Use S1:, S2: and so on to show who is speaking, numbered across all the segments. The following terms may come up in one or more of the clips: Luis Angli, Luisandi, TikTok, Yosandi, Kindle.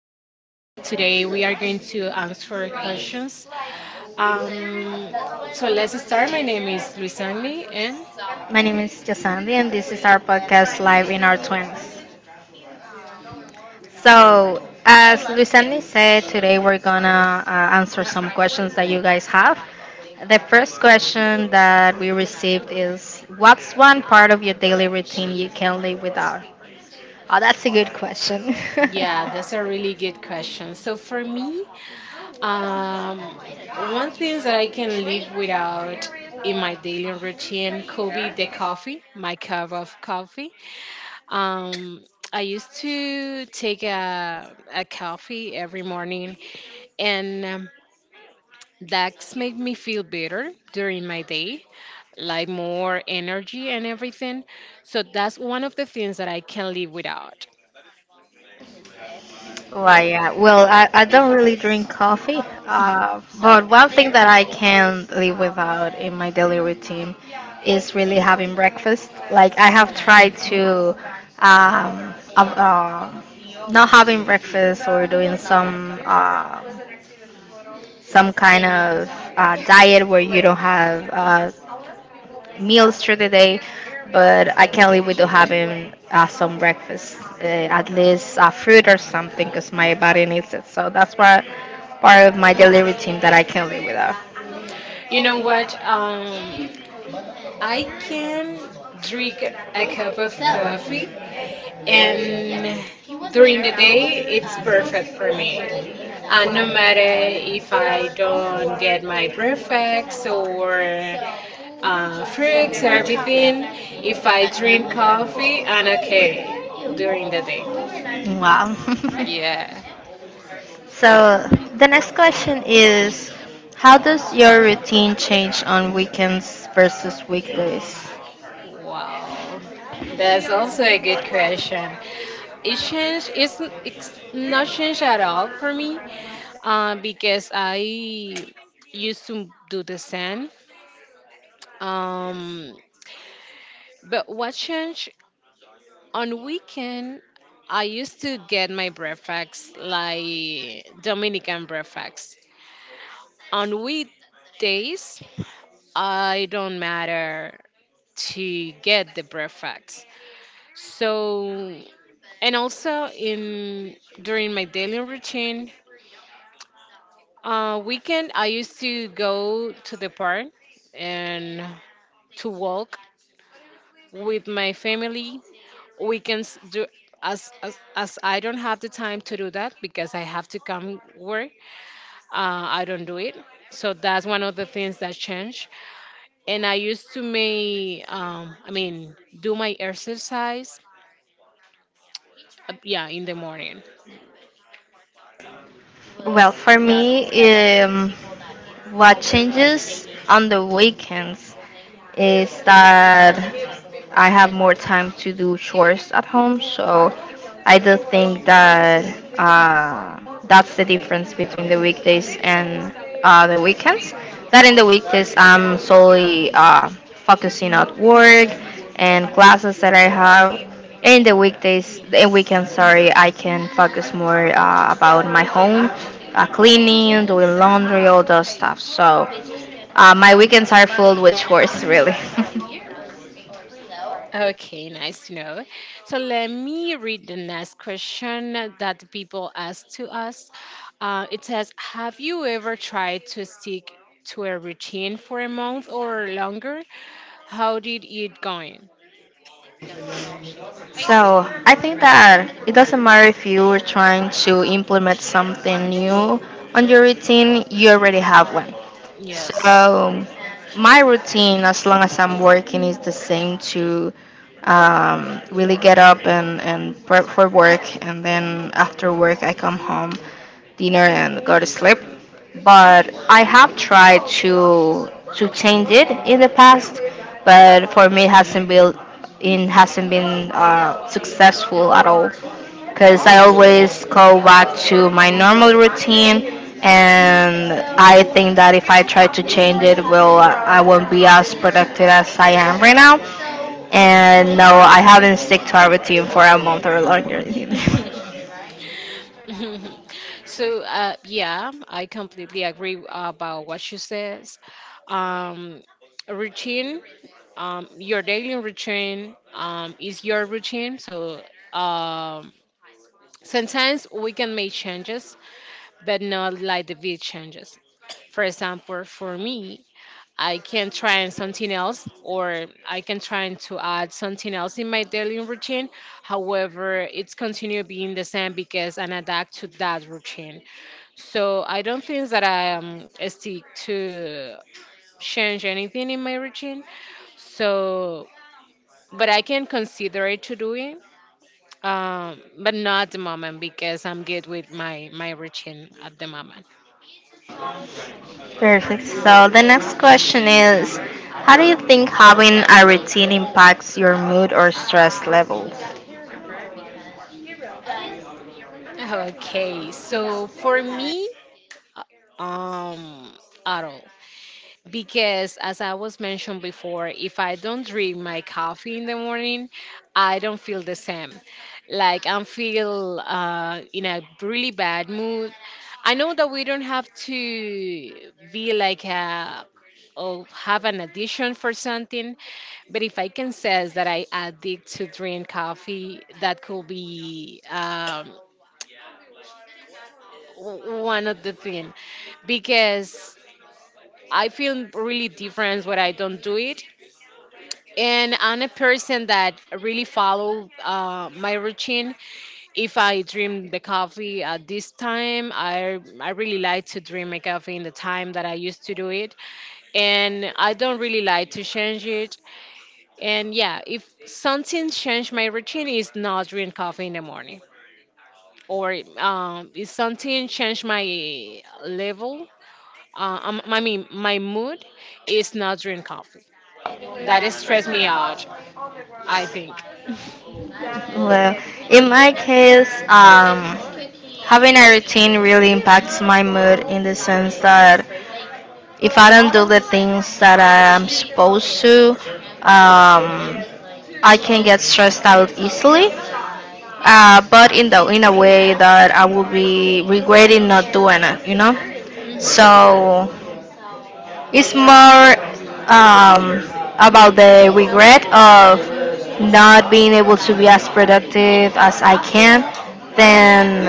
S1: podcast. Today we are going to answer questions. Um, so let's start. My name is Luis Angli, and
S2: My name is Yosandi, and this is our podcast live in our 20s. So, as Luisandi said, today we're gonna answer some questions that you guys have. The first question that we received is, what's one part of your daily routine you can't live without? Oh, that's a good question.
S1: yeah, that's a really good question. So for me, um, one thing that I can live without in my daily routine could be the coffee, my cup of coffee. Um, I used to take a coffee every morning, and that's make me feel better during my day, like more energy and everything. So that's one of the things that I can't live without.
S2: Well, yeah. Well, I don't really drink coffee, but one thing that I can't live without in my daily routine is really having breakfast. Like I have tried to um, uh, uh, not having breakfast or doing some kind of diet where you don't have uh, meals through the day, but I can't live without having some breakfast, at least fruit or something, because my body needs it. So that's why part of my daily routine that I can't live without.
S1: You know what? I can drink a cup of coffee, and during the day, it's perfect for me. And no matter if I don't get my breakfast or fruits, everything. If I drink coffee, I'm okay during the day.
S2: Wow.
S1: Yeah.
S2: So the next question is, how does your routine change on weekends versus weekdays?
S1: Wow. That's also a good question. It changed. It's not changed at all for me because I used to do the same. Um, but what changed on weekend? I used to get my breakfast like Dominican breakfast on weekdays. I don't matter to get the breakfast. So, and also in during my daily routine, weekend I used to go to the park and to walk with my family. Weekends do as I don't have the time to do that because I have to come work. I don't do it. So that's one of the things that changed. And I used to make, I mean, do my exercise, yeah, in the morning.
S2: Well, for me, um, what changes on the weekends is that I have more time to do chores at home. So I do think that uh, that's the difference between the weekdays and the weekends. That in the weekdays, I'm solely focusing on work and classes that I have. In the weekdays and weekends, sorry, I can focus more about my home, cleaning, doing laundry, all those stuff. So my weekends are filled with chores, really.
S1: Okay, nice to know. So let me read the next question that the people ask to us. It says, "Have you ever tried to stick to a routine for a month or longer? How did it going?"
S2: So I think that it doesn't matter if you are trying to implement something new on your routine, you already have one.
S1: Yes.
S2: So my routine, as long as I'm working, is the same to really get up and prep for work, and then after work, I come home, dinner, and go to sleep, but I have tried to change it in the past, but for me it hasn't been successful at all because I always go back to my normal routine, and I think that if I try to change it, well, I won't be as productive as I am right now. And no, I haven't stick to our routine for a month or longer.
S1: So yeah, I completely agree about what she says. Um, Routine, your daily routine is your routine. So um, sometimes we can make changes but not like the big changes. For example, for me, I can try something else, or I can try to add something else in my daily routine. However, it's continue being the same because I adapt to that routine. So I don't think that I stick to change anything in my routine. So, but I can consider it to do it, but not at the moment because I'm good with my routine at the moment.
S2: Perfect. So the next question is, how do you think having a routine impacts your mood or stress levels?
S1: Okay, so for me, uh, um, at all. Because as I was mentioned before, if I don't drink my coffee in the morning, I don't feel the same. Like I feel in a really bad mood. I know that we don't have to be like a or have an addiction for something, but if I can say that I addict to drink coffee, that could be one of the thing because I feel really different when I don't do it. And I'm a person that really follow my routine. If I dream the coffee at this time, I really like to dream my coffee in the time that I used to do it, and I don't really like to change it. And yeah, if something change my routine, is not drink coffee in the morning, or if something change my level, I mean, my mood is not drink coffee. That is stress me out. I think.
S2: Well, in my case, having a routine really impacts my mood in the sense that if I don't do the things that I am supposed to, um, I can get stressed out easily. But in the in a way that I will be regretting not doing it, you know. Mhm. So it's more um, about the regret of not being able to be as productive as I can than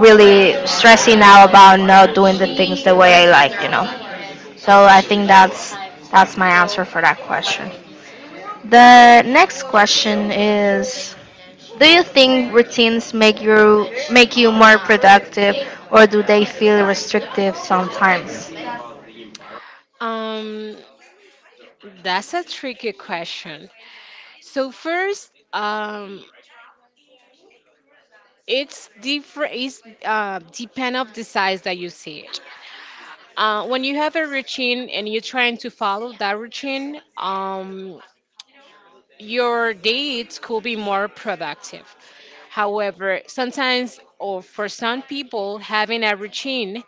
S2: really stressing out about not doing the things the way I like, you know. So I think that's my answer for that question. The next question is, do you think routines make you more productive or do they feel restrictive sometimes?
S1: Um, that's a tricky question. So first, it's different. It's depend of the size that you see it. When you have a routine and you're trying to follow that routine, your dates could be more productive. However, sometimes or for some people, having a routine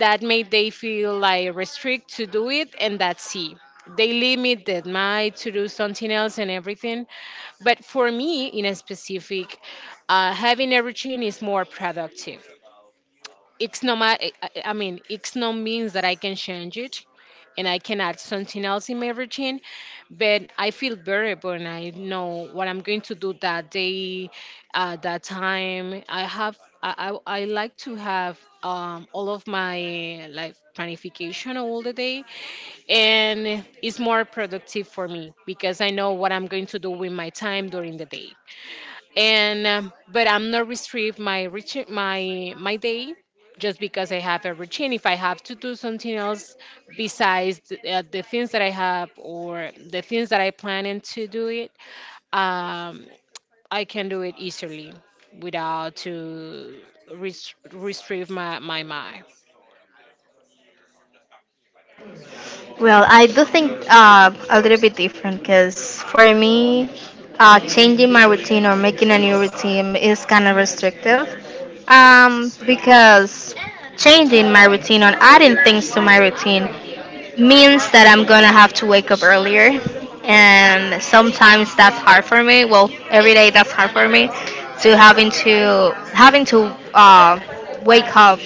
S1: that made they feel like restrict to do it and that's it. They limit their mind to do something else and everything. But for me, in a specific, having a routine is more productive. It's not I mean it's not means that I can change it and I can add something else in my routine, but I feel better when I know what I'm going to do that day, that time I have. I like to have all of my like planification all the day, and it's more productive for me because I know what I'm going to do with my time during the day. And but I'm not restrict my routine, my day just because I have a routine. If I have to do something else besides the things that I have or the things that I plan to do it, um, I can do it easily without to restrict my mind.
S2: Well, I do think a little bit different because for me, changing my routine or making a new routine is kind of restrictive. Because changing my routine or adding things to my routine means that I'm gonna have to wake up earlier, and sometimes that's hard for me. Well, every day that's hard for me to having to wake up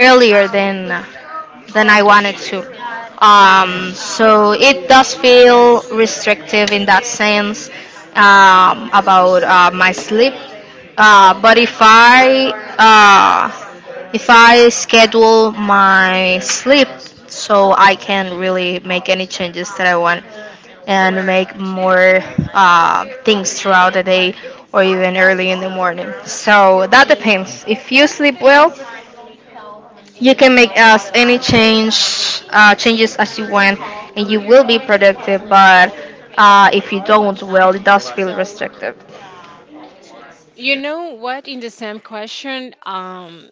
S2: earlier than I wanted to. So it does feel restrictive in that sense about my sleep. But if I schedule my sleep so I can really make any changes that I want and make more things throughout the day or even early in the morning. So that depends. If you sleep well, you can make as any change changes as you want, and you will be productive. But if you don't, well, it does feel restrictive.
S1: You know what? In the same question,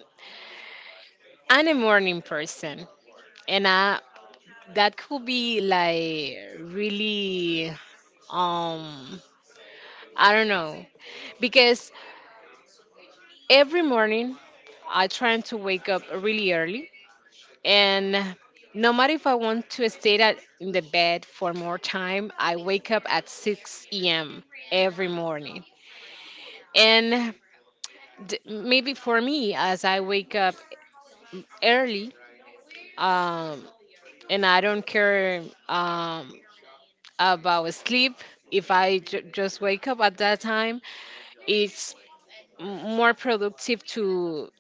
S1: I'm a morning person, and I that could be like really Um, I don't know. Because every morning I try to wake up really early and no matter if I want to stay in the bed for more time, I wake up at 6 a.m. every morning. And maybe for me, as I wake up early, um, and I don't care about sleep, if I just wake up at that time, it's more productive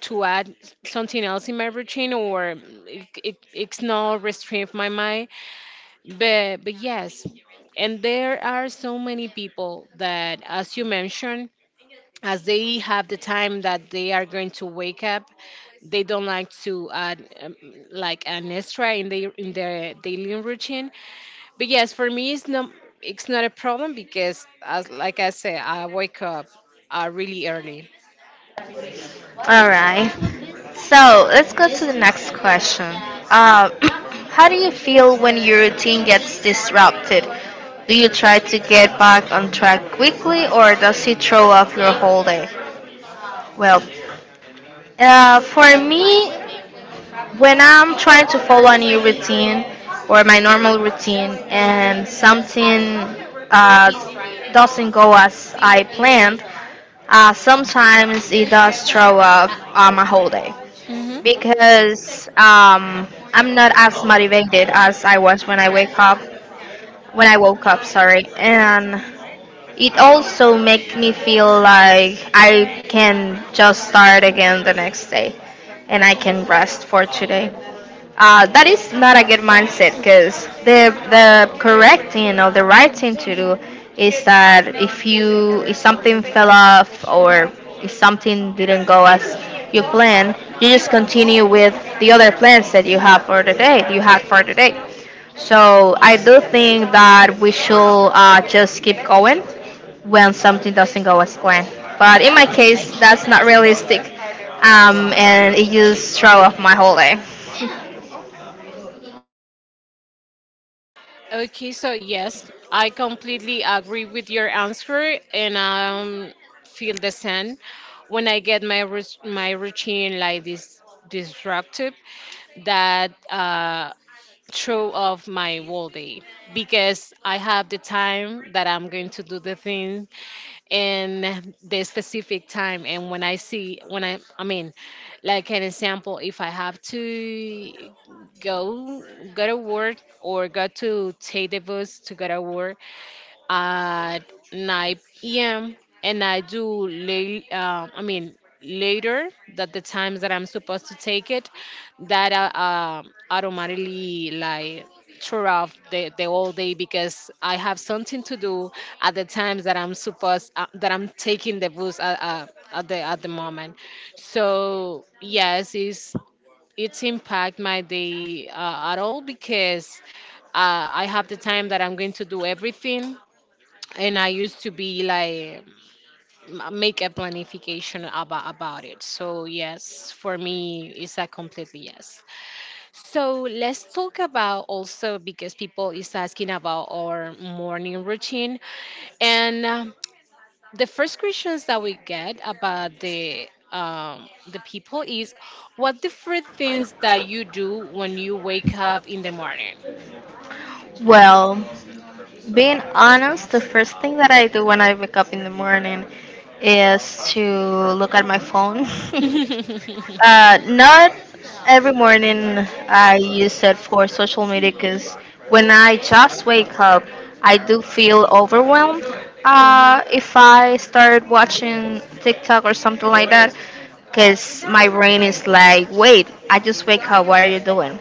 S1: to add something else in my routine, or it's not restrict my mind, but yes. And there are so many people that as you mentioned, as they have the time that they are going to wake up, they don't like to add like an extra in their daily routine. But yes, for me it's not, it's not a problem because as like I said I wake up really early.
S2: All right. So let's go to the next question. Uh, how do you feel when your routine gets disrupted? Do you try to get back on track quickly or does it throw off your whole day? Well, for me, when I'm trying to follow a new routine or my normal routine and something uh, doesn't go as I planned, sometimes it does throw off my whole day
S1: Hmm.
S2: because I'm not as motivated as I was when I wake up, when I woke up, sorry, and it also makes me feel like I can just start again the next day and I can rest for today. That is not a good mindset because the correct thing or the right thing to do is that if you if something fell off or if something didn't go as you plan, you just continue with the other plans that you have for the day. You have for the day. So I do think that we should just keep going when something doesn't go as planned. But in my case, that's not realistic, and it just throw off my whole day.
S1: Okay, so yes, I completely agree with your answer, and feel the same when I get my routine like this disruptive that throw off my whole day because I have the time that I'm going to do the thing in the specific time. And when I see, when I mean like an example, if I have to go go to work or go to take the bus to go to work at 9 p.m. and I do late. I mean later that the times that I'm supposed to take it, that automatically like throw off the whole day because I have something to do at the times that I'm supposed that I'm taking the bus at the moment. So yes, it's impact my day at all because I have the time that I'm going to do everything, and I used to be like make a planification about it. So yes, for me, it's a completely yes. So let's talk about also because people is asking about our morning routine, and the first questions that we get about the people is what the first things that you do when you wake up in the morning.
S2: Well, being honest, the first thing that I do when I wake up in the morning is to look at my phone. Not every morning I use it for social media because when I just wake up, I do feel overwhelmed if I start watching TikTok or something like that because my brain is like, wait, I just wake up, what are you doing?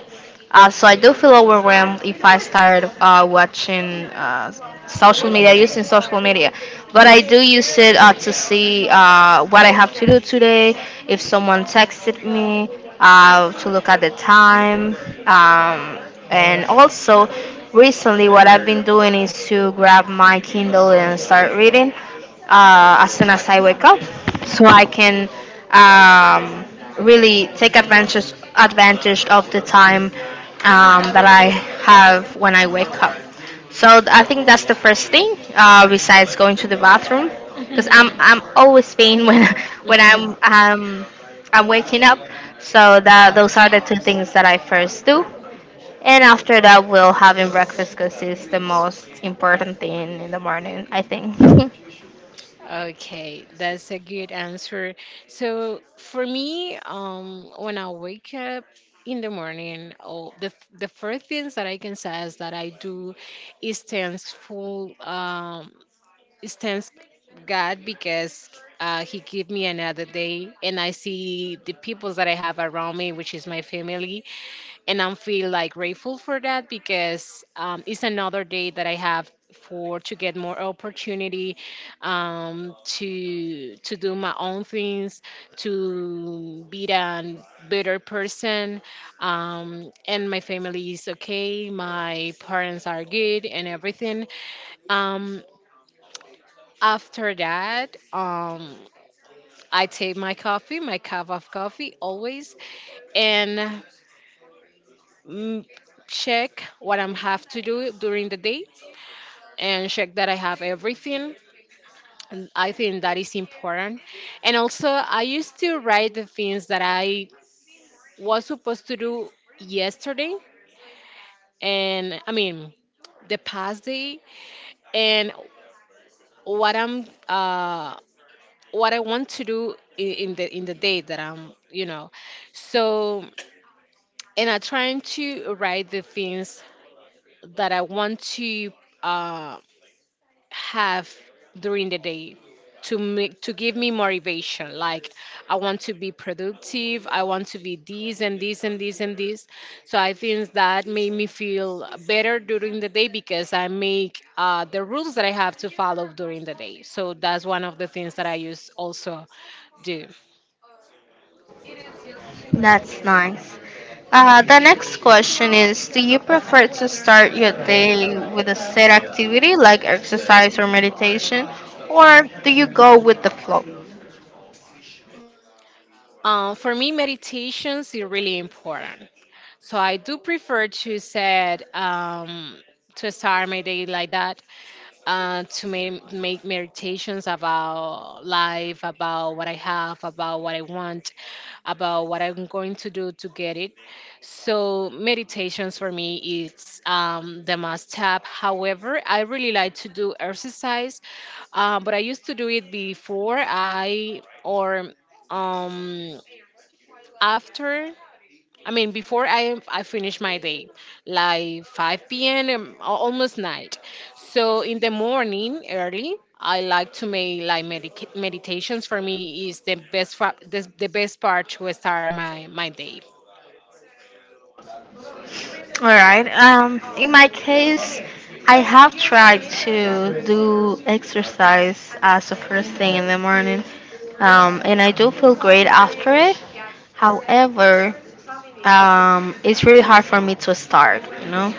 S2: So I do feel overwhelmed if I start watching social media, using social media. But I do use it to see what I have to do today, if someone texted me, to look at the time. Um, and also, recently, what I've been doing is to grab my Kindle and start reading as soon as I wake up, so I can um, really take advantage of the time that I have when I wake up. So I think that's the first thing besides going to the bathroom, because I'm always peeing when when
S1: Mhm.
S2: I'm waking up. So that those are the two things that I first do. And after that, we'll having breakfast because it's the most important thing in the morning, I think.
S1: Okay, that's a good answer. So for me, when I wake up in the morning, oh, the first things that I can say is that I do is thankful, is thanks God because He gave me another day, and I see the people that I have around me, which is my family, and I am feel like grateful for that because it's another day that I have for to get more opportunity to do my own things, to be a better person, and my family is okay, my parents are good and everything. um, After that, I take my coffee, my cup of coffee always, and mm, check what I'm have to do during the day and check that I have everything. And I think that is important. And also, I used to write the things that I was supposed to do yesterday, and I mean, the past day, and what I'm, what I want to do in the day that I'm, you know. So, and I'm trying to write the things that I want to. Uh, have during the day to make to give me motivation like I want to be productive, I want to be this and this and this and this. So I think that made me feel better during the day because I make the rules that I have to follow during the day. So that's one of the things that I use also do.
S2: That's nice. The next question is, do you prefer to start your day with a set activity like exercise or meditation, or do you go with the flow?
S1: Uh, for me meditations is really important, so I do prefer to set to start my day like that, to make, make meditations about life, about what I have, about what I want, about what I'm going to do to get it. So meditations for me is the must-have. However, I really like to do exercise, but I used to do it before I or um, after. I mean, before I finish my day, like 5 p.m. Almost night. So in the morning early, I like to make like meditations. For me, is the the best part to start my my day.
S2: All right. In my case, I have tried to do exercise as a first thing in the morning, and I do feel great after it. However, it's really hard for me to start, you know,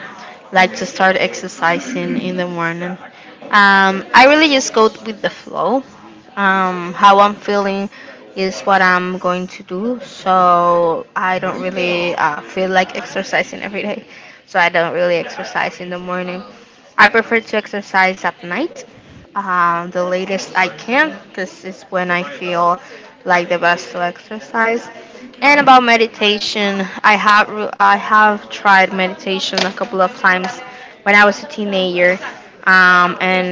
S2: like to start exercising in the morning. I really just go with the flow how I'm feeling is what I'm going to do. So I don't really feel like exercising every day. So I don't really exercise in the morning. I prefer to exercise at night, the latest I can, because it's when I feel like the best to exercise. And about meditation, I have tried meditation a couple of times when I was a teenager and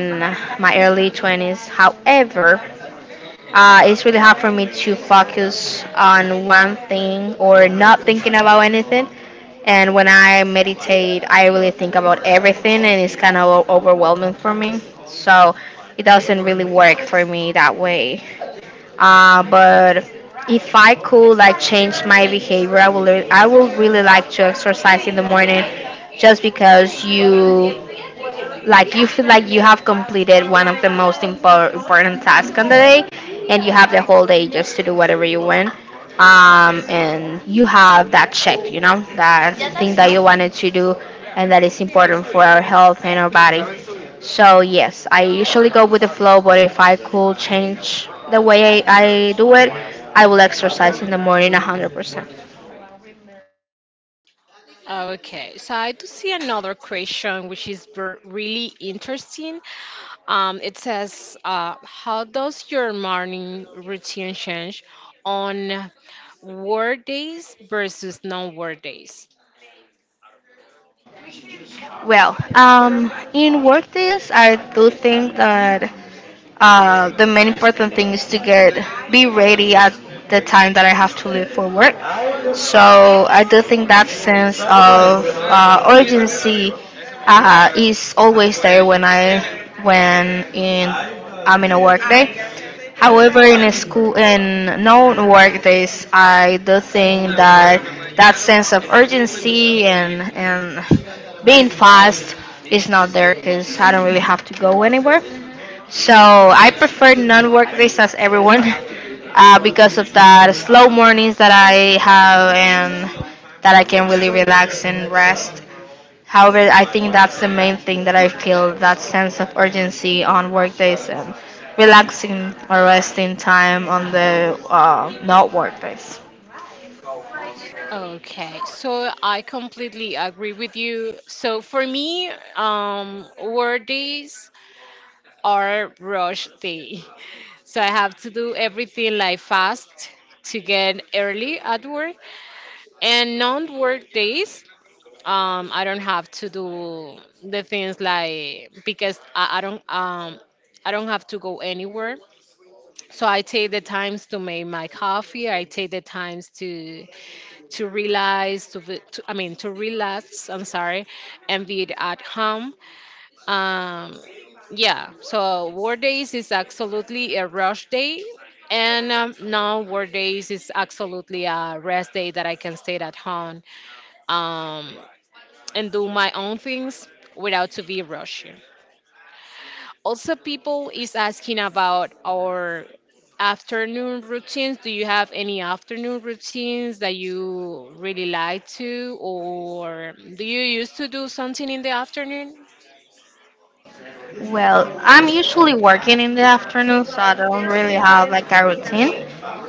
S2: my early 20s. However, it's really hard for me to focus on one thing or not thinking about anything. And when I meditate, I really think about everything, and it's kind of overwhelming for me. So it doesn't really work for me that way. But if I could like change my behavior, I would really like to exercise in the morning, just because you you feel like you have completed one of the most important tasks on the day and you have the whole day just to do whatever you want, and you have that check, you know, that thing that you wanted to do, and that is important for our health and our body. So yes, I usually go with the flow, but if I could change the way I do it, I will exercise in the morning 100%.
S1: Okay, so I do see another question which is really interesting. It says, how does your morning routine change on work days versus non work days?
S2: Well, in work days I do think that the main important thing is to get be ready at the time that I have to leave for work. So I do think that sense of urgency is always there when I when in I'm in a work day. However, in a school in non-work days, I do think that sense of urgency and being fast is not there because I don't really have to go anywhere. So I prefer non-work days as everyone because of the slow mornings that I have and that I can really relax and rest. However, I think that's the main thing, that I feel that sense of urgency on work days and relaxing or resting time on the not work days.
S1: Okay, so I completely agree with you. So for me, work days are rush day. So I have to do everything like fast to get early at work. And non-work days, I don't have to do the things like because I don't I don't have to go anywhere. So I take the times to make my coffee. I take the times to realize to, v- to I mean to relax. I'm sorry, and be at home. Um, yeah. So work days is absolutely a rush day, and now work days is absolutely a rest day that I can stay at home um, and do my own things without to be rushed. Also, people is asking about our afternoon routines. Do you have any afternoon routines that you really like to, or do you used to do something in the afternoon?
S2: Well, I'm usually working in the afternoon, so I don't really have like a routine.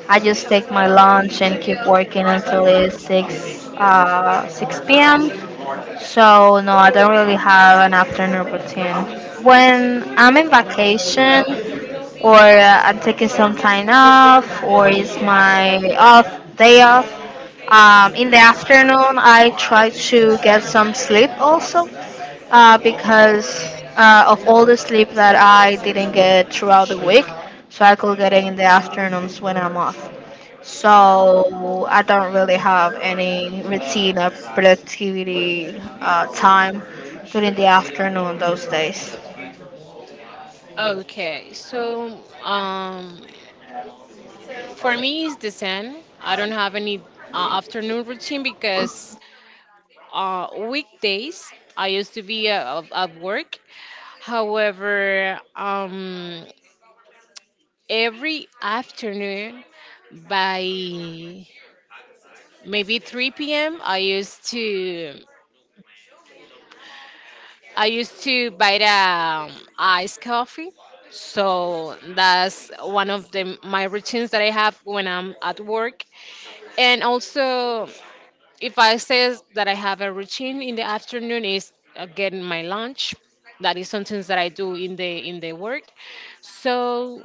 S2: I just take my lunch and keep working until it's six p.m. So no, I don't really have an afternoon routine. When I'm in vacation, or I'm taking some time off, or it's my off day off, in the afternoon, I try to get some sleep also because of all the sleep that I didn't get throughout the week. So I could get it in the afternoons when I'm off. So I don't really have any routine or productivity time during the afternoon those days.
S1: Okay, so for me it's the same. I don't have any afternoon routine because weekdays I used to be at work. However, every afternoon by maybe 3 p.m. I used to buy the iced coffee. So that's one of the my routines that I have when I'm at work. And also if I say that I have a routine in the afternoon is getting my lunch. That is something that I do in the work. So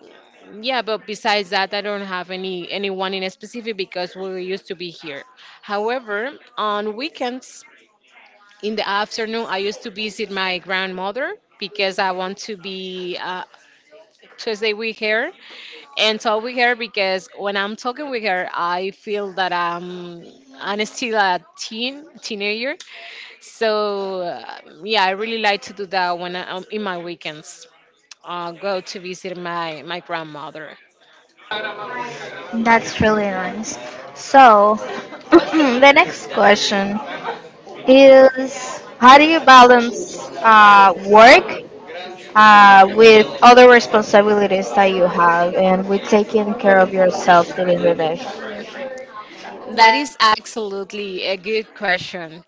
S1: yeah, but besides that, I don't have any anyone in specific because we used to be here. However, on weekends in the afternoon, I used to visit my grandmother because I want to be to stay with her and talk with her because when I'm talking with her, I feel that I'm still a teenager so yeah, I really like to do that when I in my weekends, go to visit my my grandmother.
S2: That's really nice. So, the next question is, how do you balance work with other responsibilities that you have and with taking care of yourself during the day?
S1: That is absolutely a good question.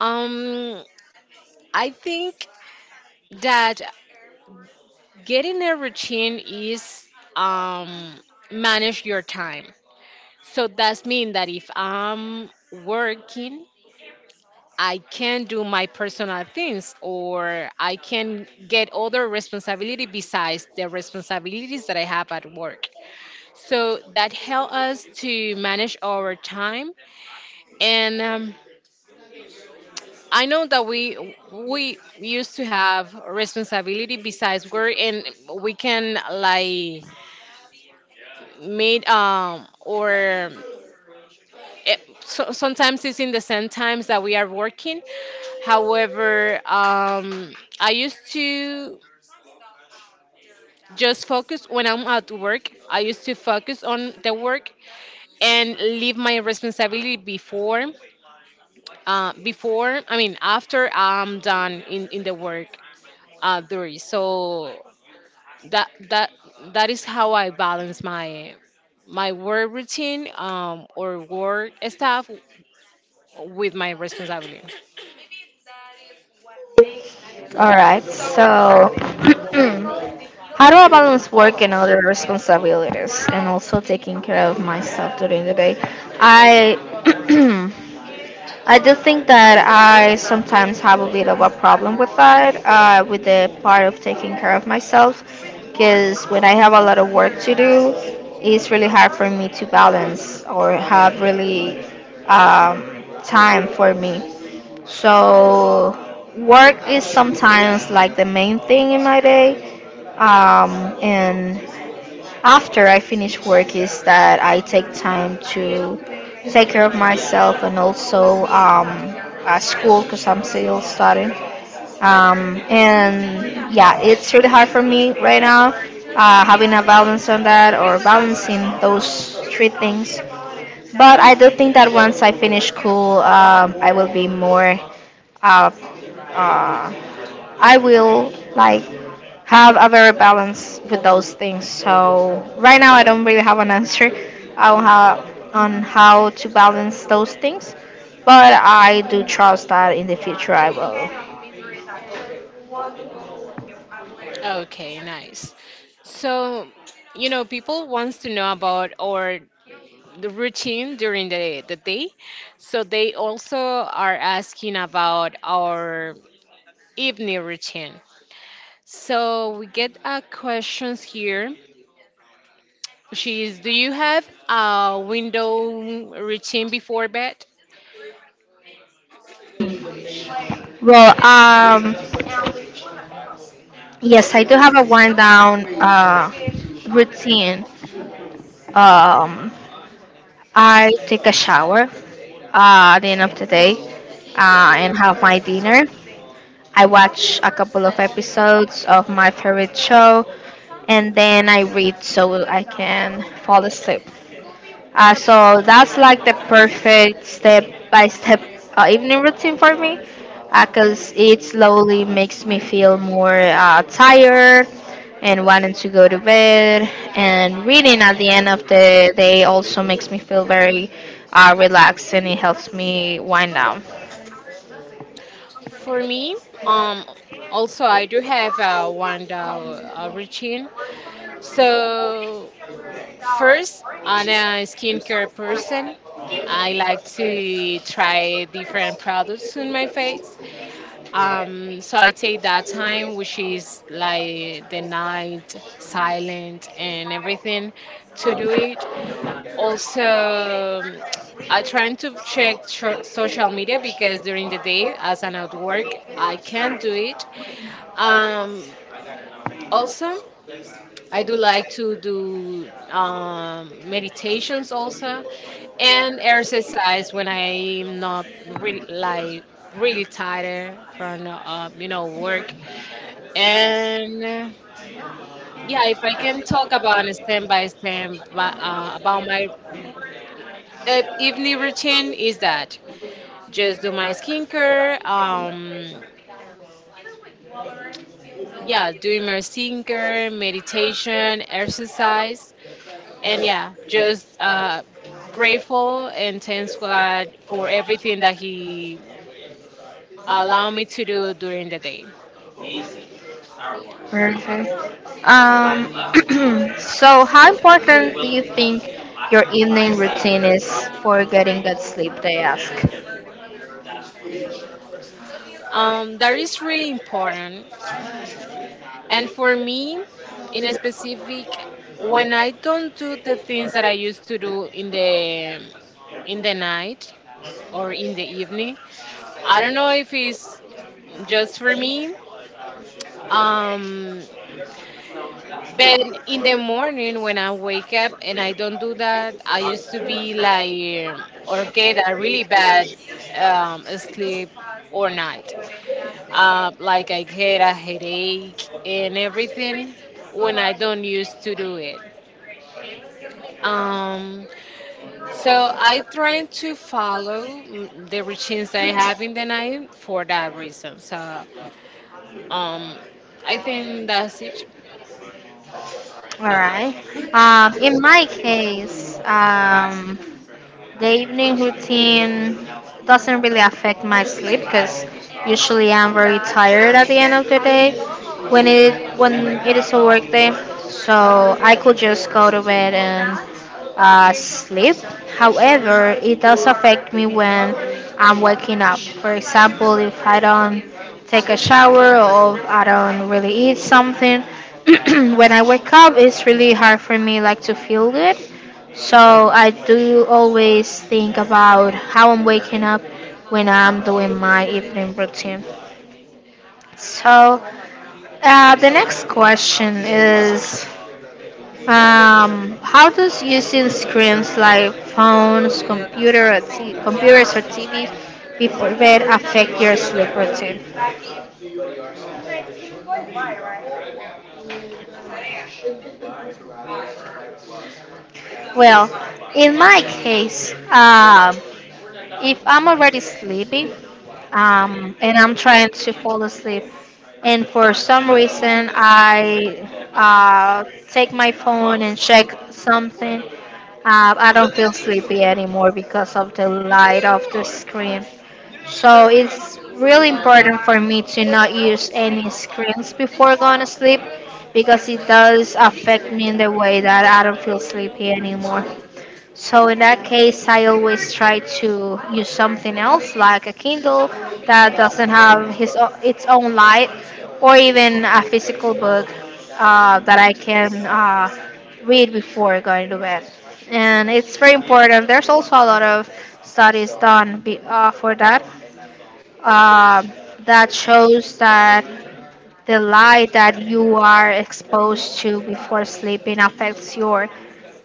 S1: Um, I think that getting a routine is um, manage your time. So that's mean that if I'm working, I can do my personal things or I can get other responsibility besides the responsibilities that I have at work. So that help us to manage our time and I know that we used to have responsibility besides work and we can like meet so, sometimes it's in the same times that we are working. However, I used to just focus when I'm at work. I used to focus on the work and leave my responsibility before, after I'm done in the work duty. So that that that is how I balance my my work routine or work stuff with my responsibility.
S2: All right, so how do I balance work and other responsibilities and also taking care of myself during the day? I I do think that I sometimes have a bit of a problem with that, with the part of taking care of myself, because when I have a lot of work to do, it's really hard for me to balance or have really time for me. So, work is sometimes like the main thing in my day, um, and after I finish work is that I take time to take care of myself and also school because I'm still studying. And yeah, it's really hard for me right now having a balance on that or balancing those three things. But I do think that once I finish school, I will be more uh, uh, I will like have a better balance with those things. So right now I don't really have an answer on how on how to balance those things, but I do trust that in the future I will.
S1: Okay, nice. So, you know, people wants to know about our the routine during the day. So they also are asking about our evening routine. So we get questions here. She is, do you have a window routine before bed?
S2: Well, yes, I do have a wind down routine. Um, I take a shower at the end of the day and have my dinner. I watch a couple of episodes of my favorite show and then I read so I can fall asleep. So that's like the perfect step by step evening routine for me because it slowly makes me feel more tired and wanting to go to bed. And reading at the end of the day also makes me feel very relaxed, and it helps me wind down.
S1: For me, um, also I do have a one a routine. So first, I'm a skincare person. I like to try different products on my face. So I take that time, which is like the night, silent, and everything, to do it. Also, um, I try to check social media because during the day, as an at work, I can't do it. Um, also, I do like to do meditations also, and exercise when I'm not really like really tired from work. And yeah, if I can talk about on a stem by stem but, about my evening routine is that just do my skincare. Yeah, doing my skincare, meditation, exercise, and yeah, just grateful and thanks God for everything that He allowed me to do during the day.
S2: Perfect. Um, so, how important do you think your evening routine is for getting good sleep? They ask.
S1: That is really important. And for me, in a specific, when I don't do the things that I used to do in the night or in the evening, I don't know if it's just for me. Um, but in the morning when I wake up and I don't do that, I used to be like or get a really bad sleep or night. Like I get a headache and everything when I don't used to do it. Um, so I try to follow the routines that I have in the night for that reason. So um, I think that's it.
S2: All right. In my case, the evening routine doesn't really affect my sleep because usually I'm very tired at the end of the day when it is a work day. So I could just go to bed and sleep. However, it does affect me when I'm waking up. For example, if I don't take a shower or I don't really eat something, when I wake up, it's really hard for me like to feel good, so I do always think about how I'm waking up when I'm doing my evening routine. So the next question is, how does using screens like phones, computer, or computers or TV before bed affect your sleep routine? Well, in my case, um, if I'm already sleepy and I'm trying to fall asleep, and for some reason I take my phone and check something, I don't feel sleepy anymore because of the light of the screen. So it's really important for me to not use any screens before going to sleep because it does affect me in the way that I don't feel sleepy anymore. So in that case, I always try to use something else, like a Kindle that doesn't have its own light, or even a physical book that I can read before going to bed. And it's very important. There's also a lot of studies done for that uh, that shows that the light that you are exposed to before sleeping affects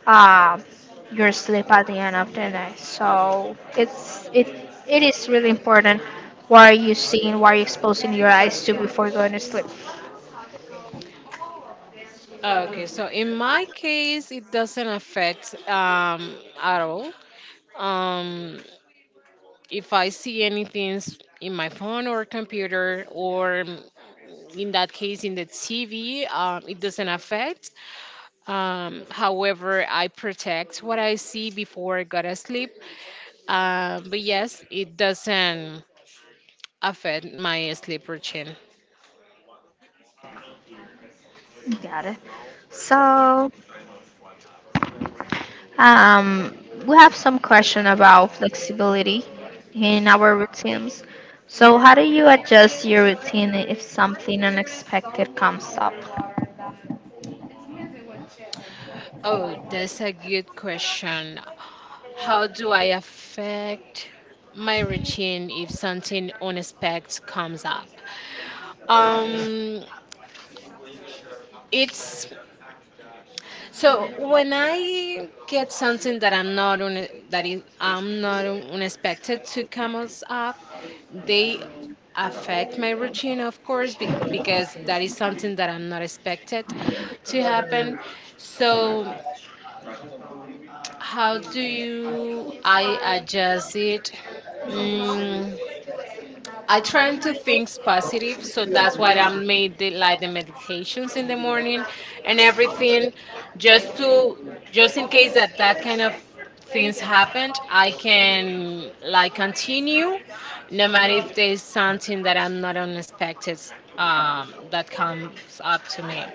S2: uh, your sleep at the end of the night. So it is really important what are you seeing, what are you exposing your eyes to before going to sleep.
S1: Okay, so in my case, it doesn't affect at all. Um, if I see anything in my phone or computer, or in that case, in the TV, it doesn't affect. However, I protect what I see before I go to sleep. But yes, it doesn't affect my sleep routine.
S2: Got it. So um, we have some question about flexibility in our routines. So, how do you adjust your routine if something unexpected comes up?
S1: Oh, that's a good question. How do I affect my routine if something unexpected comes up? Um, it's. So when I get something that I'm not unexpected to come us up, they affect my routine, of course, because that is something that I'm not expected to happen. So how do you I adjust it? Mm, I try to think positive, so that's why I made like the meditations in the morning and everything, just to just in case that kind of things happened, I can like continue, no matter if there's something that I'm not unexpected that comes up to me.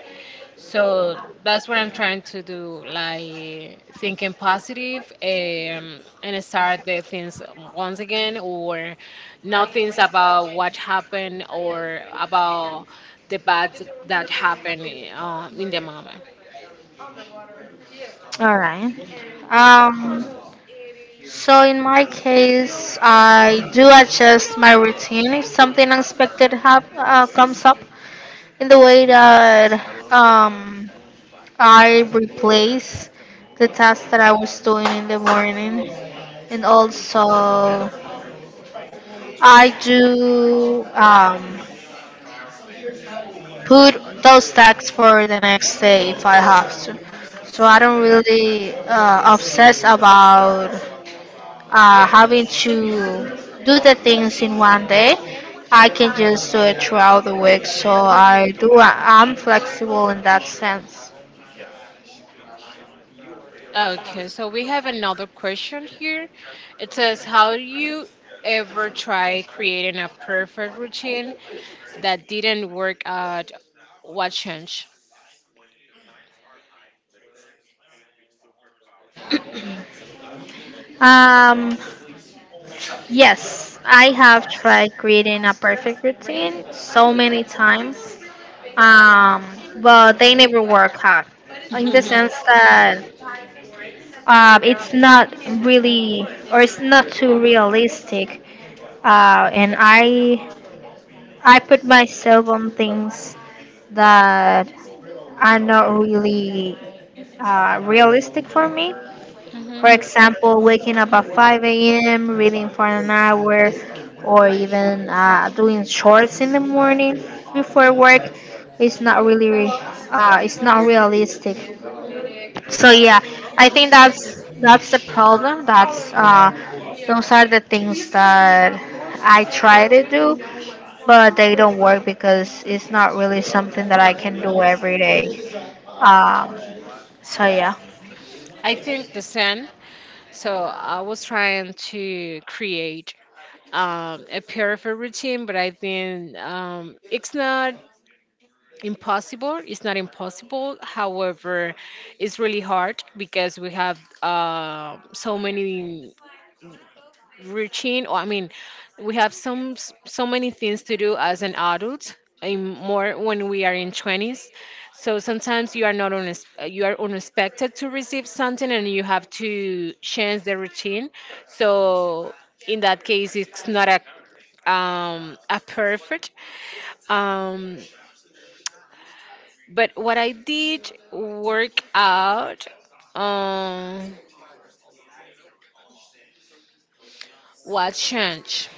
S1: So that's what I'm trying to do, like thinking positive, and start the things once again or not things about what happened or about the bad that happened, in the moment.
S2: All right. Um, so in my case, I do adjust my routine if something unexpected comes up. In the way that um, I replace the task that I was doing in the morning, and also I do put those tasks for the next day if I have to. So I don't really obsess about having to do the things in one day. I can just do it throughout the week. So I do. I'm flexible in that sense.
S1: Okay, so we have another question here. It says, how do you ever try creating a perfect routine that didn't work out, what changed?
S2: Um, Yes, I have tried creating a perfect routine so many times, um, but they never work out in the
S1: Mhm.
S2: sense that it's not really or it's not too realistic. And I put myself on things that are not really realistic for me. For example, waking up at 5 a.m., reading for an hour, or even doing chores in the morning before work is not really it's not realistic. So yeah, I think that's the problem. That's those are the things that I try to do, but they don't work because it's not really something that I can do every day. Um, so yeah,
S1: I think the same. So I was trying to create a perfect routine, but I think it's not impossible. It's not impossible. However, it's really hard because we have so many routine or I mean we have so many things to do as an adult in more when we are in 20s. So sometimes you are not on you are unexpected to receive something and you have to change the routine. So in that case it's not a a perfect um but what I did work out, um what changed?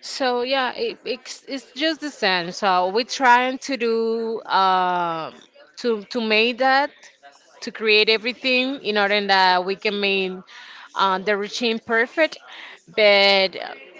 S1: So yeah, it's just the same. So we're trying to do to make that to create everything in order that we can make the routine perfect. But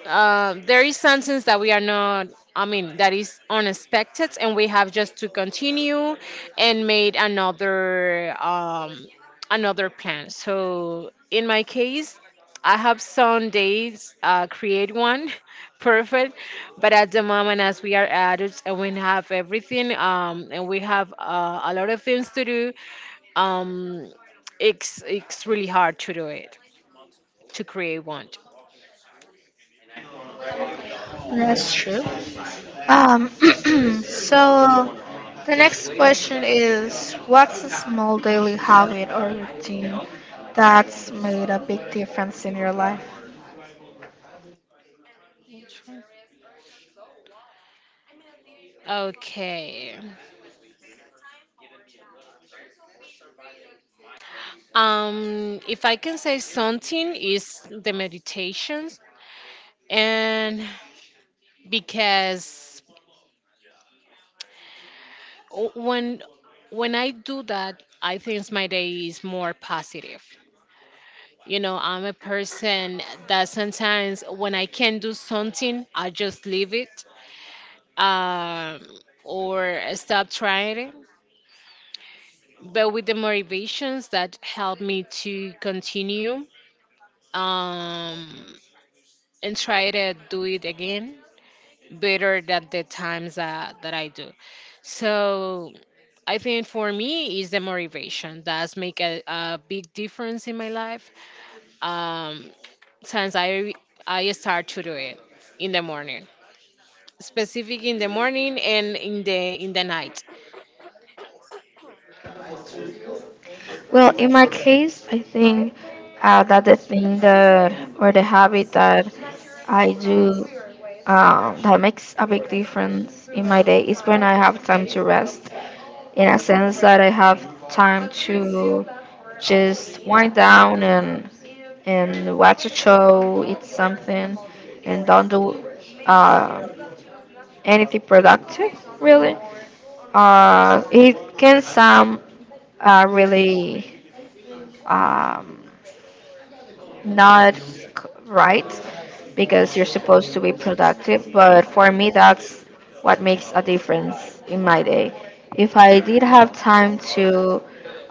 S1: there is something that we are not, I mean, that is unexpected, and we have just to continue and made another another plan. So in my case, I have some days create one perfect, but at the moment as we are adults and we have everything and we have a lot of things to do, um it's really hard to do it to create one.
S2: that's true. Um, so the next question is, what's a small daily habit or routine that's made a big difference in your life?
S1: Okay, if I can say something is the meditations. And because o- when when I do that I think my day is more positive. You know, I'm a person that sometimes when I can do something I just leave it, um, or stop trying it, but with the motivations that helped me to continue, um, and try to do it again better than the times that I do. So I think for me is the motivation that's make a big difference in my life, um, since I start to do it in the morning, specific in the morning and in the night.
S2: Well, in my case, I think that the thing that or the habit that I do that makes a big difference in my day is when I have time to rest. In a sense that I have time to just wind down and watch a show, eat something, and don't do uh, anything productive really. It can sound really um, not c- right, because you're supposed to be productive. But for me, that's what makes a difference in my day. If I did have time to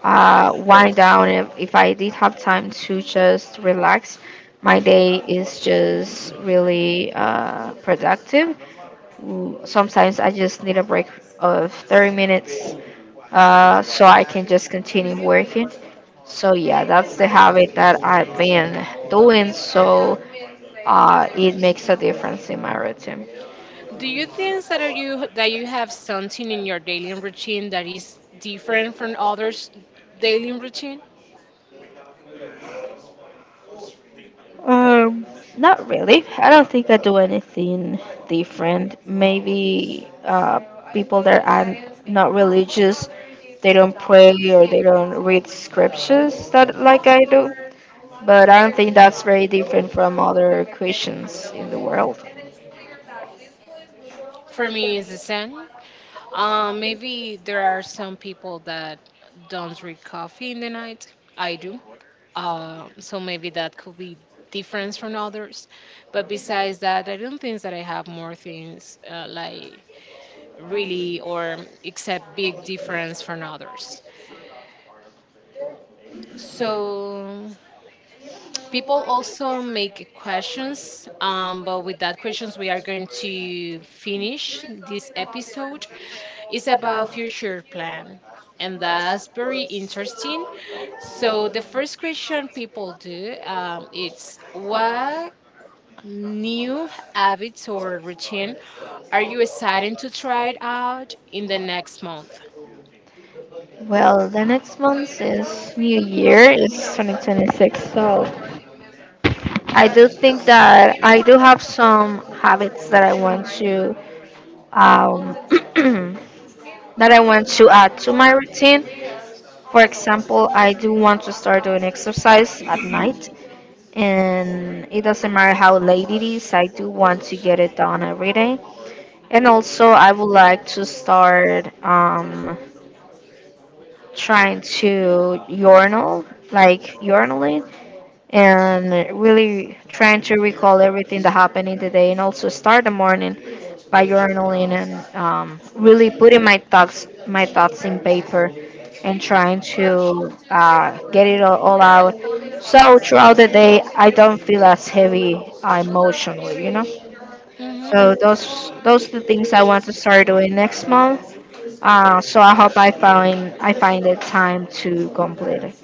S2: wind down, if I did have time to just relax, my day is just really productive. Sometimes I just need a break of 30 minutes so I can just continue working. So yeah, that's the habit that I've been doing. So it makes a difference in my routine.
S1: Do you think that are you that you have something in your daily routine that is different from others' daily routine?
S2: Um, not really. I don't think I do anything different. Maybe people that are not religious, they don't pray or they don't read scriptures that like I do. But I don't think that's very different from other Christians in the world.
S1: For me, it's the same. Maybe there are some people that don't drink coffee in the night. I do. So maybe that could be different from others. But besides that, I don't think that I have more things like really or except big difference from others. So people also make questions, but with that questions, we are going to finish this episode. It's about future plan, and that's very interesting. So the first question people do is what new habits or routine are you excited to try it out in the next month?
S2: Well, the next month is New Year, it's 2026, so I do think that I do have some habits that I want to um, that I want to add to my routine. For example, I do want to start doing exercise at night, and it doesn't matter how late it is, I do want to get it done every day. And also, I would like to start trying to urinal, like urinalate, and really trying to recall everything that happened in the day, and also start the morning by journaling and really putting my thoughts in paper and trying to get it all out. So throughout the day, I don't feel as heavy emotionally, you know.
S1: Hmm.
S2: So those the things I want to start doing next month. So I hope I find the time to complete it.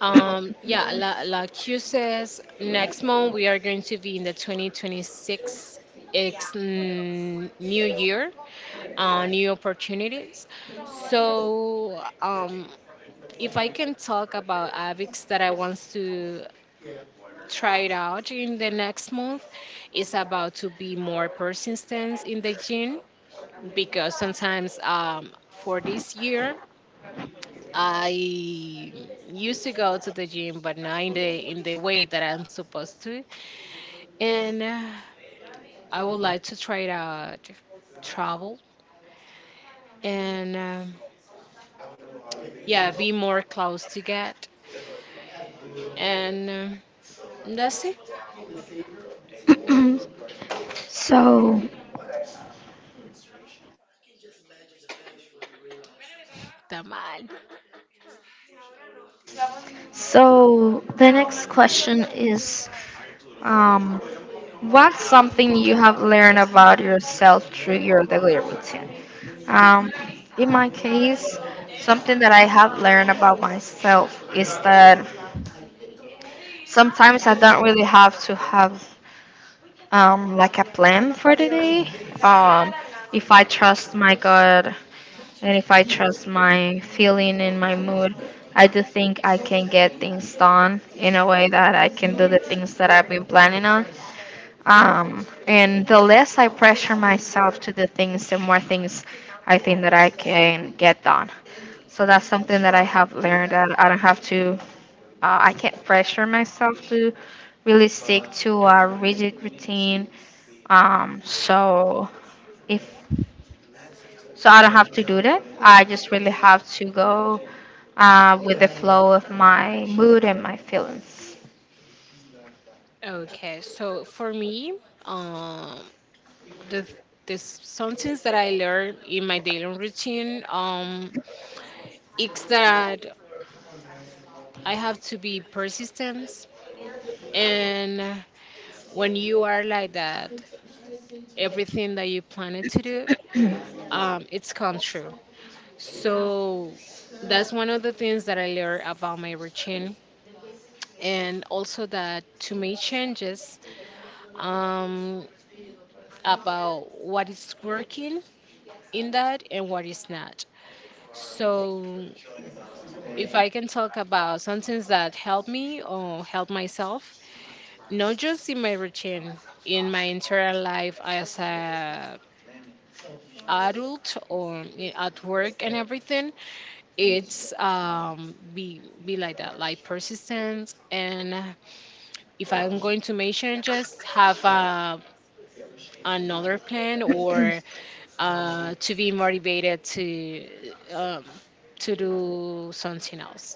S1: Yeah, like you says, next month we are going to be in the 2026. It's new year, new opportunities. So, if I can talk about AVIX that I want to try it out in the next month, it's about to be more persistence in the gym because sometimes for this year I used to go to the gym, but not in the way that I'm supposed to. And I would like to try to travel and yeah, be more close to God. And that's it.
S2: So,
S1: Tamal.
S2: so the next question is, um, what's something you have learned about yourself through your daily routine? Um, in my case, something that I have learned about myself is that sometimes I don't really have to have like a plan for the day. Um, if I trust my God and if I trust my feeling and my mood, I do think I can get things done in a way that I can do the things that I've been planning on. And the less I pressure myself to do things, the more things I think that I can get done. So that's something that I have learned, that I don't have to I can't pressure myself to really stick to a rigid routine. Um, so if so, I don't have to do that. I just really have to go with the flow of my mood and my feelings.
S1: Okay, so for me, um, the the some things that I learned in my daily routine, it's that I have to be persistent, and when you are like that everything that you planned to do, it's come true. So that's one of the things that I learned about my routine, and also that to make changes um, about what is working in that and what is not. So if I can talk about some things that help me or help myself, not just in my routine, in my entire life as a adult or at work and everything, it's be like that like persistence and if I'm going to make changes have another plan or to be motivated to do something else.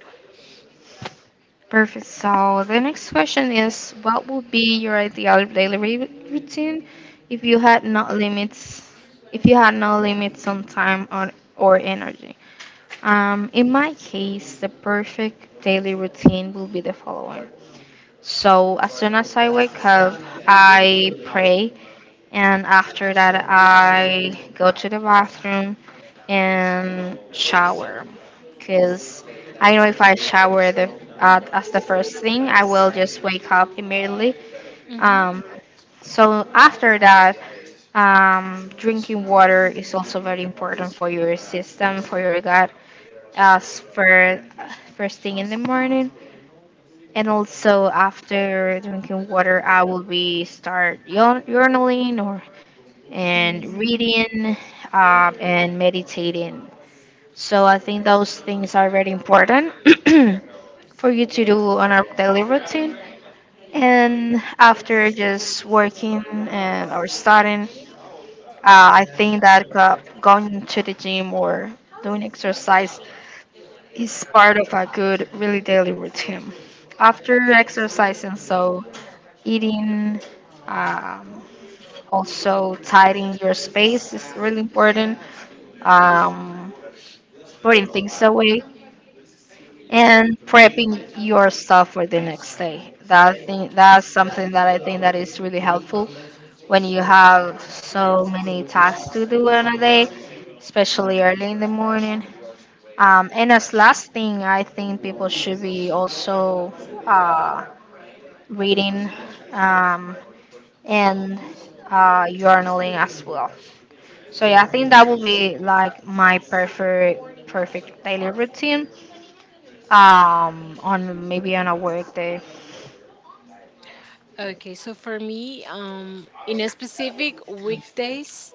S2: Perfect. So the next question is, what would be your ideal daily routine if you had no limits? If you had no limits on time or energy? In my case, the perfect daily routine will be the following. So, as soon as I wake up, I pray, and after that, I go to the bathroom and shower. Because I know if I shower as the first thing, I will just wake up immediately.
S1: Hmm.
S2: Um, so, after that, drinking water is also very important for your system, for your gut as for first thing in the morning. And also after drinking water, I will be journaling or and reading, and meditating. So I think those things are very important for you to do on our daily routine. And after just working and or studying, I think that going to the gym or doing exercise is part of a good, really daily routine. After exercising, so eating, um, also tidying your space is really important. Um, Putting things away and prepping your stuff for the next day. That's something that I think that is really helpful when you have so many tasks to do on a day, especially early in the morning. And as last thing, I think people should be also uh, reading, um, and journaling as well. So yeah, I think that would be like my perfect daily routine, on maybe on a work day.
S1: Okay, so for me, in a specific weekdays,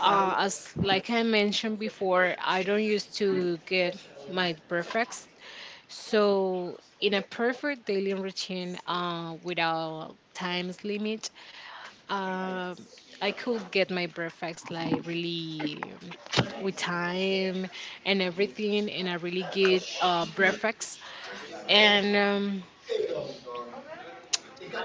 S1: as like I mentioned before, I don't used to get my perfects. So, in a perfect daily routine without times limit, um, I could get my breakfast like really with time and everything, and I really get breakfast. And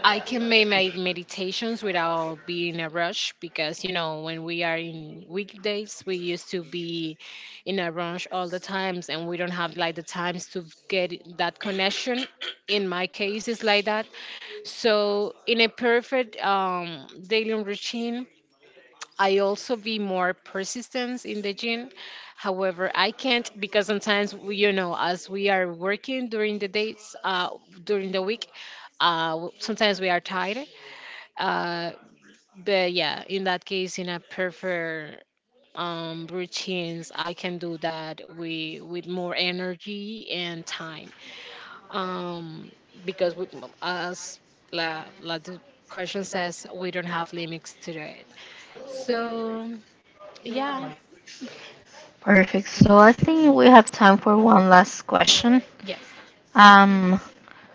S1: I can make my meditations without being in a rush because you know when we are in weekdays we used to be in a rush all the times and we don't have like the times to get that connection. In my case, it's like that. So in a perfect daily routine, I also be more persistent in the gym. However, I can't because sometimes you know as we are working during the days, during the week, sometimes we are tired uh, but yeah, in that case, in a prefer routines, I can do that with more energy and time. Um, because we, as la, la the question says, we don't have limits to it. So yeah,
S2: Perfect. So I think we have time for one last question.
S1: yeah.
S2: Um,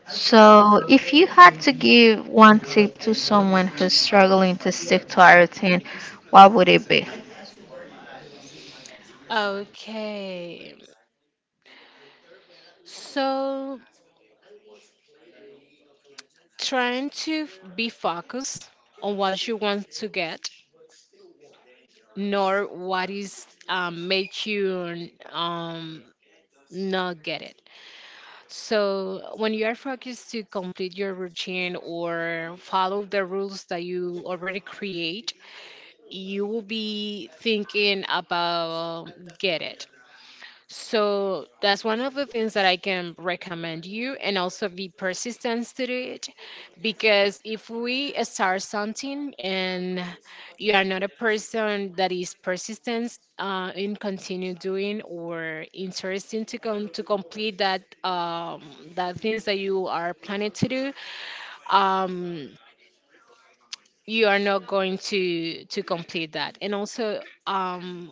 S2: so if you had to give one tip to someone who's struggling to stick to a routine, what would it be?
S1: Okay. So trying to be focused on what you want to get nor what is make you not get it. So when you are focused to complete your routine or follow the rules that you already create, you will be thinking about get it. So that's one of the things that I can recommend you, and also be persistent to do it. Because if we start something and you are not a person that is persistent in continue doing or interesting to come to complete that that things that you are planning to do, um, you are not going to complete that. And also, um,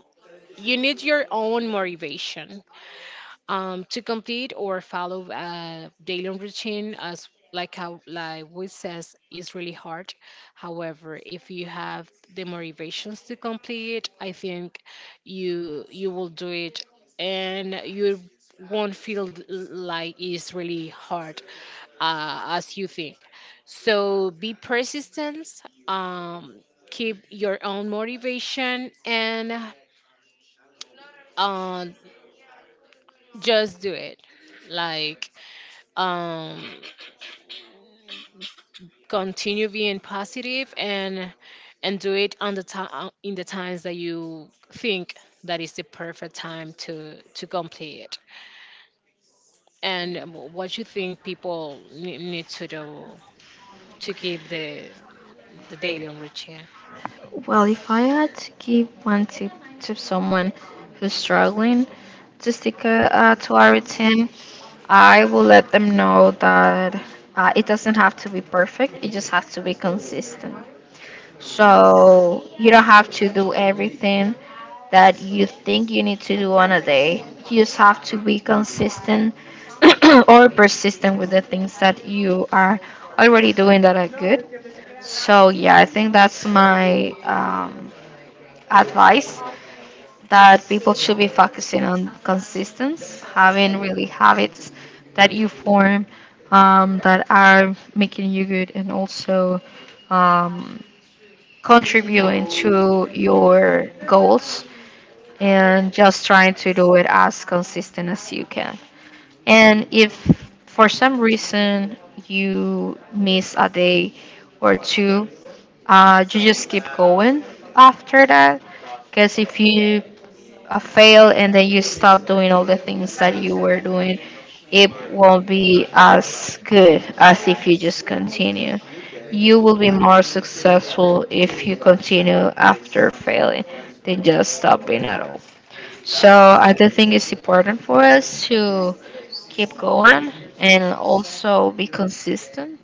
S1: you need your own motivation to complete or follow a daily routine as like how like we says is really hard, however if you have the motivations to complete I think you will do it and you won't feel like it's really hard as you think. So be persistent, um, keep your own motivation and uh, just do it, like, um, continue being positive and do it on the time in the times that you think that is the perfect time to complete it and what you think people need to do to keep the daily routine.
S2: Well, if I had to give one tip to someone who's struggling to stick to a routine, I will let them know that it doesn't have to be perfect, it just has to be consistent. So you don't have to do everything that you think you need to do on a day. You just have to be consistent or persistent with the things that you are already doing that are good. So yeah, I think that's my advice that people should be focusing on consistency, having really habits that you form, that are making you good and also, um, contributing to your goals and just trying to do it as consistent as you can. And if for some reason you miss a day or two, you just keep going after that. Because if you a fail and then you stop doing all the things that you were doing, it won't be as good as if you just continue. You will be more successful if you continue after failing than just stopping at all. So I do think it's important for us to keep going and also be consistent.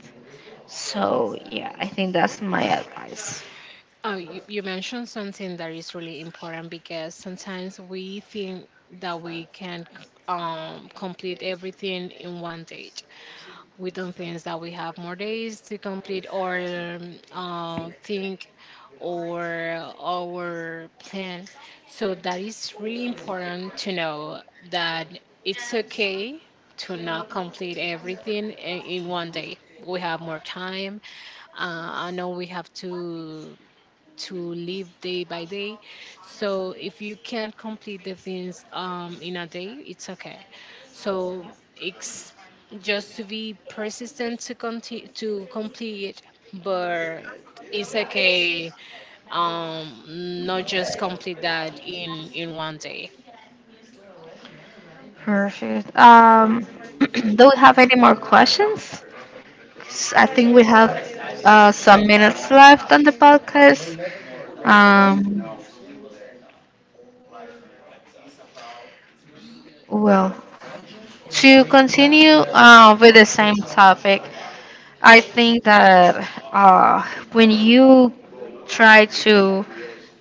S2: So yeah, I think that's my advice.
S1: Oh you, you mentioned something that is really important because sometimes we think that we can complete everything in one day, we don't think that we have more days to complete our think or our plan. So that is really important to know that it's okay to not complete everything in one day. We have more time. I know we have to live day by day. So if you can't complete the things in a day, it's okay. So it's just to be persistent to continue to complete, but it's okay. Um, not just complete that in one day.
S2: Perfect. Do we have any more questions? I think we have some minutes left on the podcast. Um, well, to continue with the same topic, I think that when you try to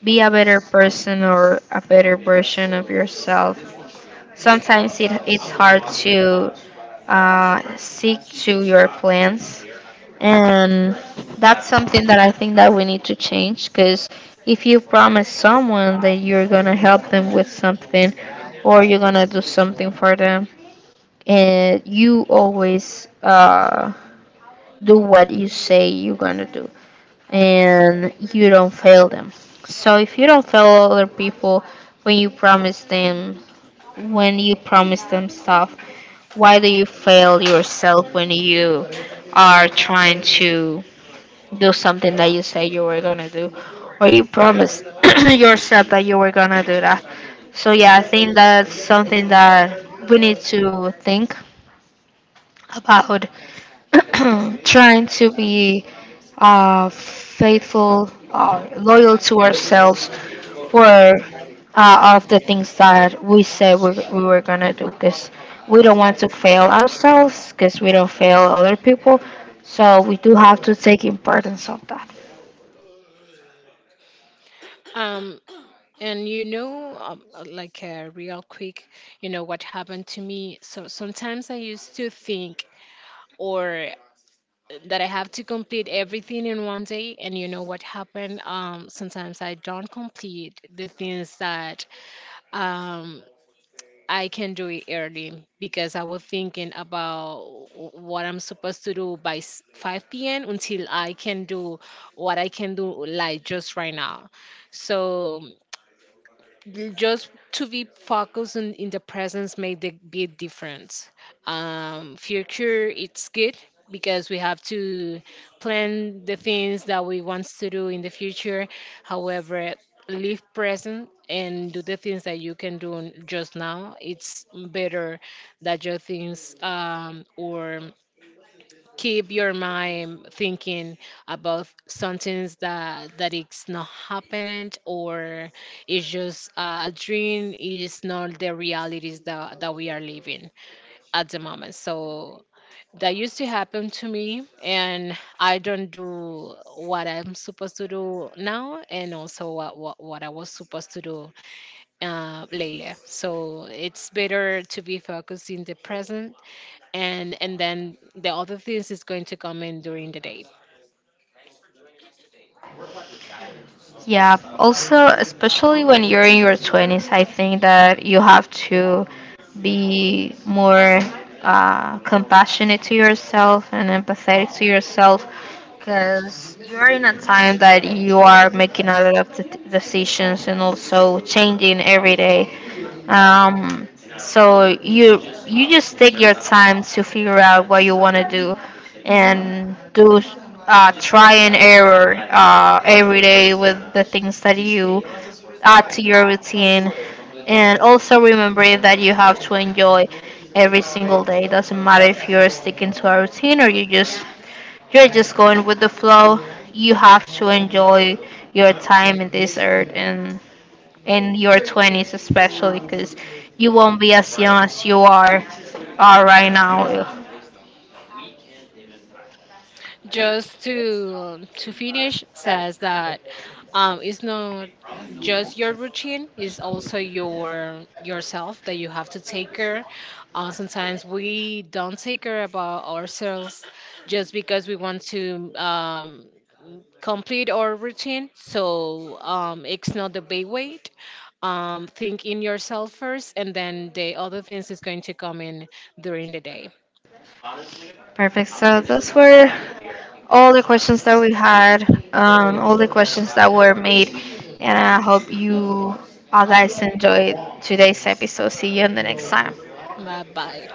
S2: be a better person or a better version of yourself, sometimes it's hard to stick to your plans. And that's something that I think that we need to change because if you promise someone that you're going to help them with something or you're going to do something for them, and you always. Do what you say you're gonna do and you don't fail them. So if you don't fail other people when you promise them when you promise them stuff, why do you fail yourself when you are trying to do something that you say you were gonna do or you promised yourself that you were gonna do that. So yeah, I think that's something that we need to think about, trying to be faithful, loyal to ourselves for, of the things that we said we were going to do, because we don't want to fail ourselves because we don't fail other people. So we do have to take importance of that.
S1: Um, and you know, like real quick, you know what happened to me. So sometimes I used to think, or that I have to complete everything in one day. And you know what happened? Sometimes I don't complete the things that um, I can do it early because I was thinking about what I'm supposed to do by 5 p.m. until I can do what I can do, like just right now. So just to be focused in the presence made the big difference. Um, future it's good because we have to plan the things that we want to do in the future, however live present and do the things that you can do just now it's better that your things or keep your mind thinking about something that that is not happening or it's just a dream is not the realities that we are living at the moment. So that used to happen to me and I don't do what I'm supposed to do now and also what I was supposed to do later. So it's better to be focused in the present and then the other things is going to come in during the day.
S2: Yeah, also, especially when you're in your 20s, I think that you have to be more compassionate to yourself and empathetic to yourself because you're in a time that you are making a lot of decisions and also changing every day. Um, so you just take your time to figure out what you want to do and do, try and error every day with the things that you add to your routine. And also remember that you have to enjoy every single day. Doesn't matter if you're sticking to a routine or you just you're just going with the flow. You have to enjoy your time in this earth and in your 20s especially, because you won't be as young as you are right now.
S1: Just to finish says that it's not just your routine it's also your yourself that you have to take care. Uh, sometimes we don't take care about ourselves just because we want to complete our routine so it's not the big way. Um, think in yourself first, and then the other things is going to come in during the day.
S2: Perfect. So those were all the questions that we had, all the questions that were made, and I hope you all guys enjoyed today's episode. See you in the next time.
S1: Bye bye.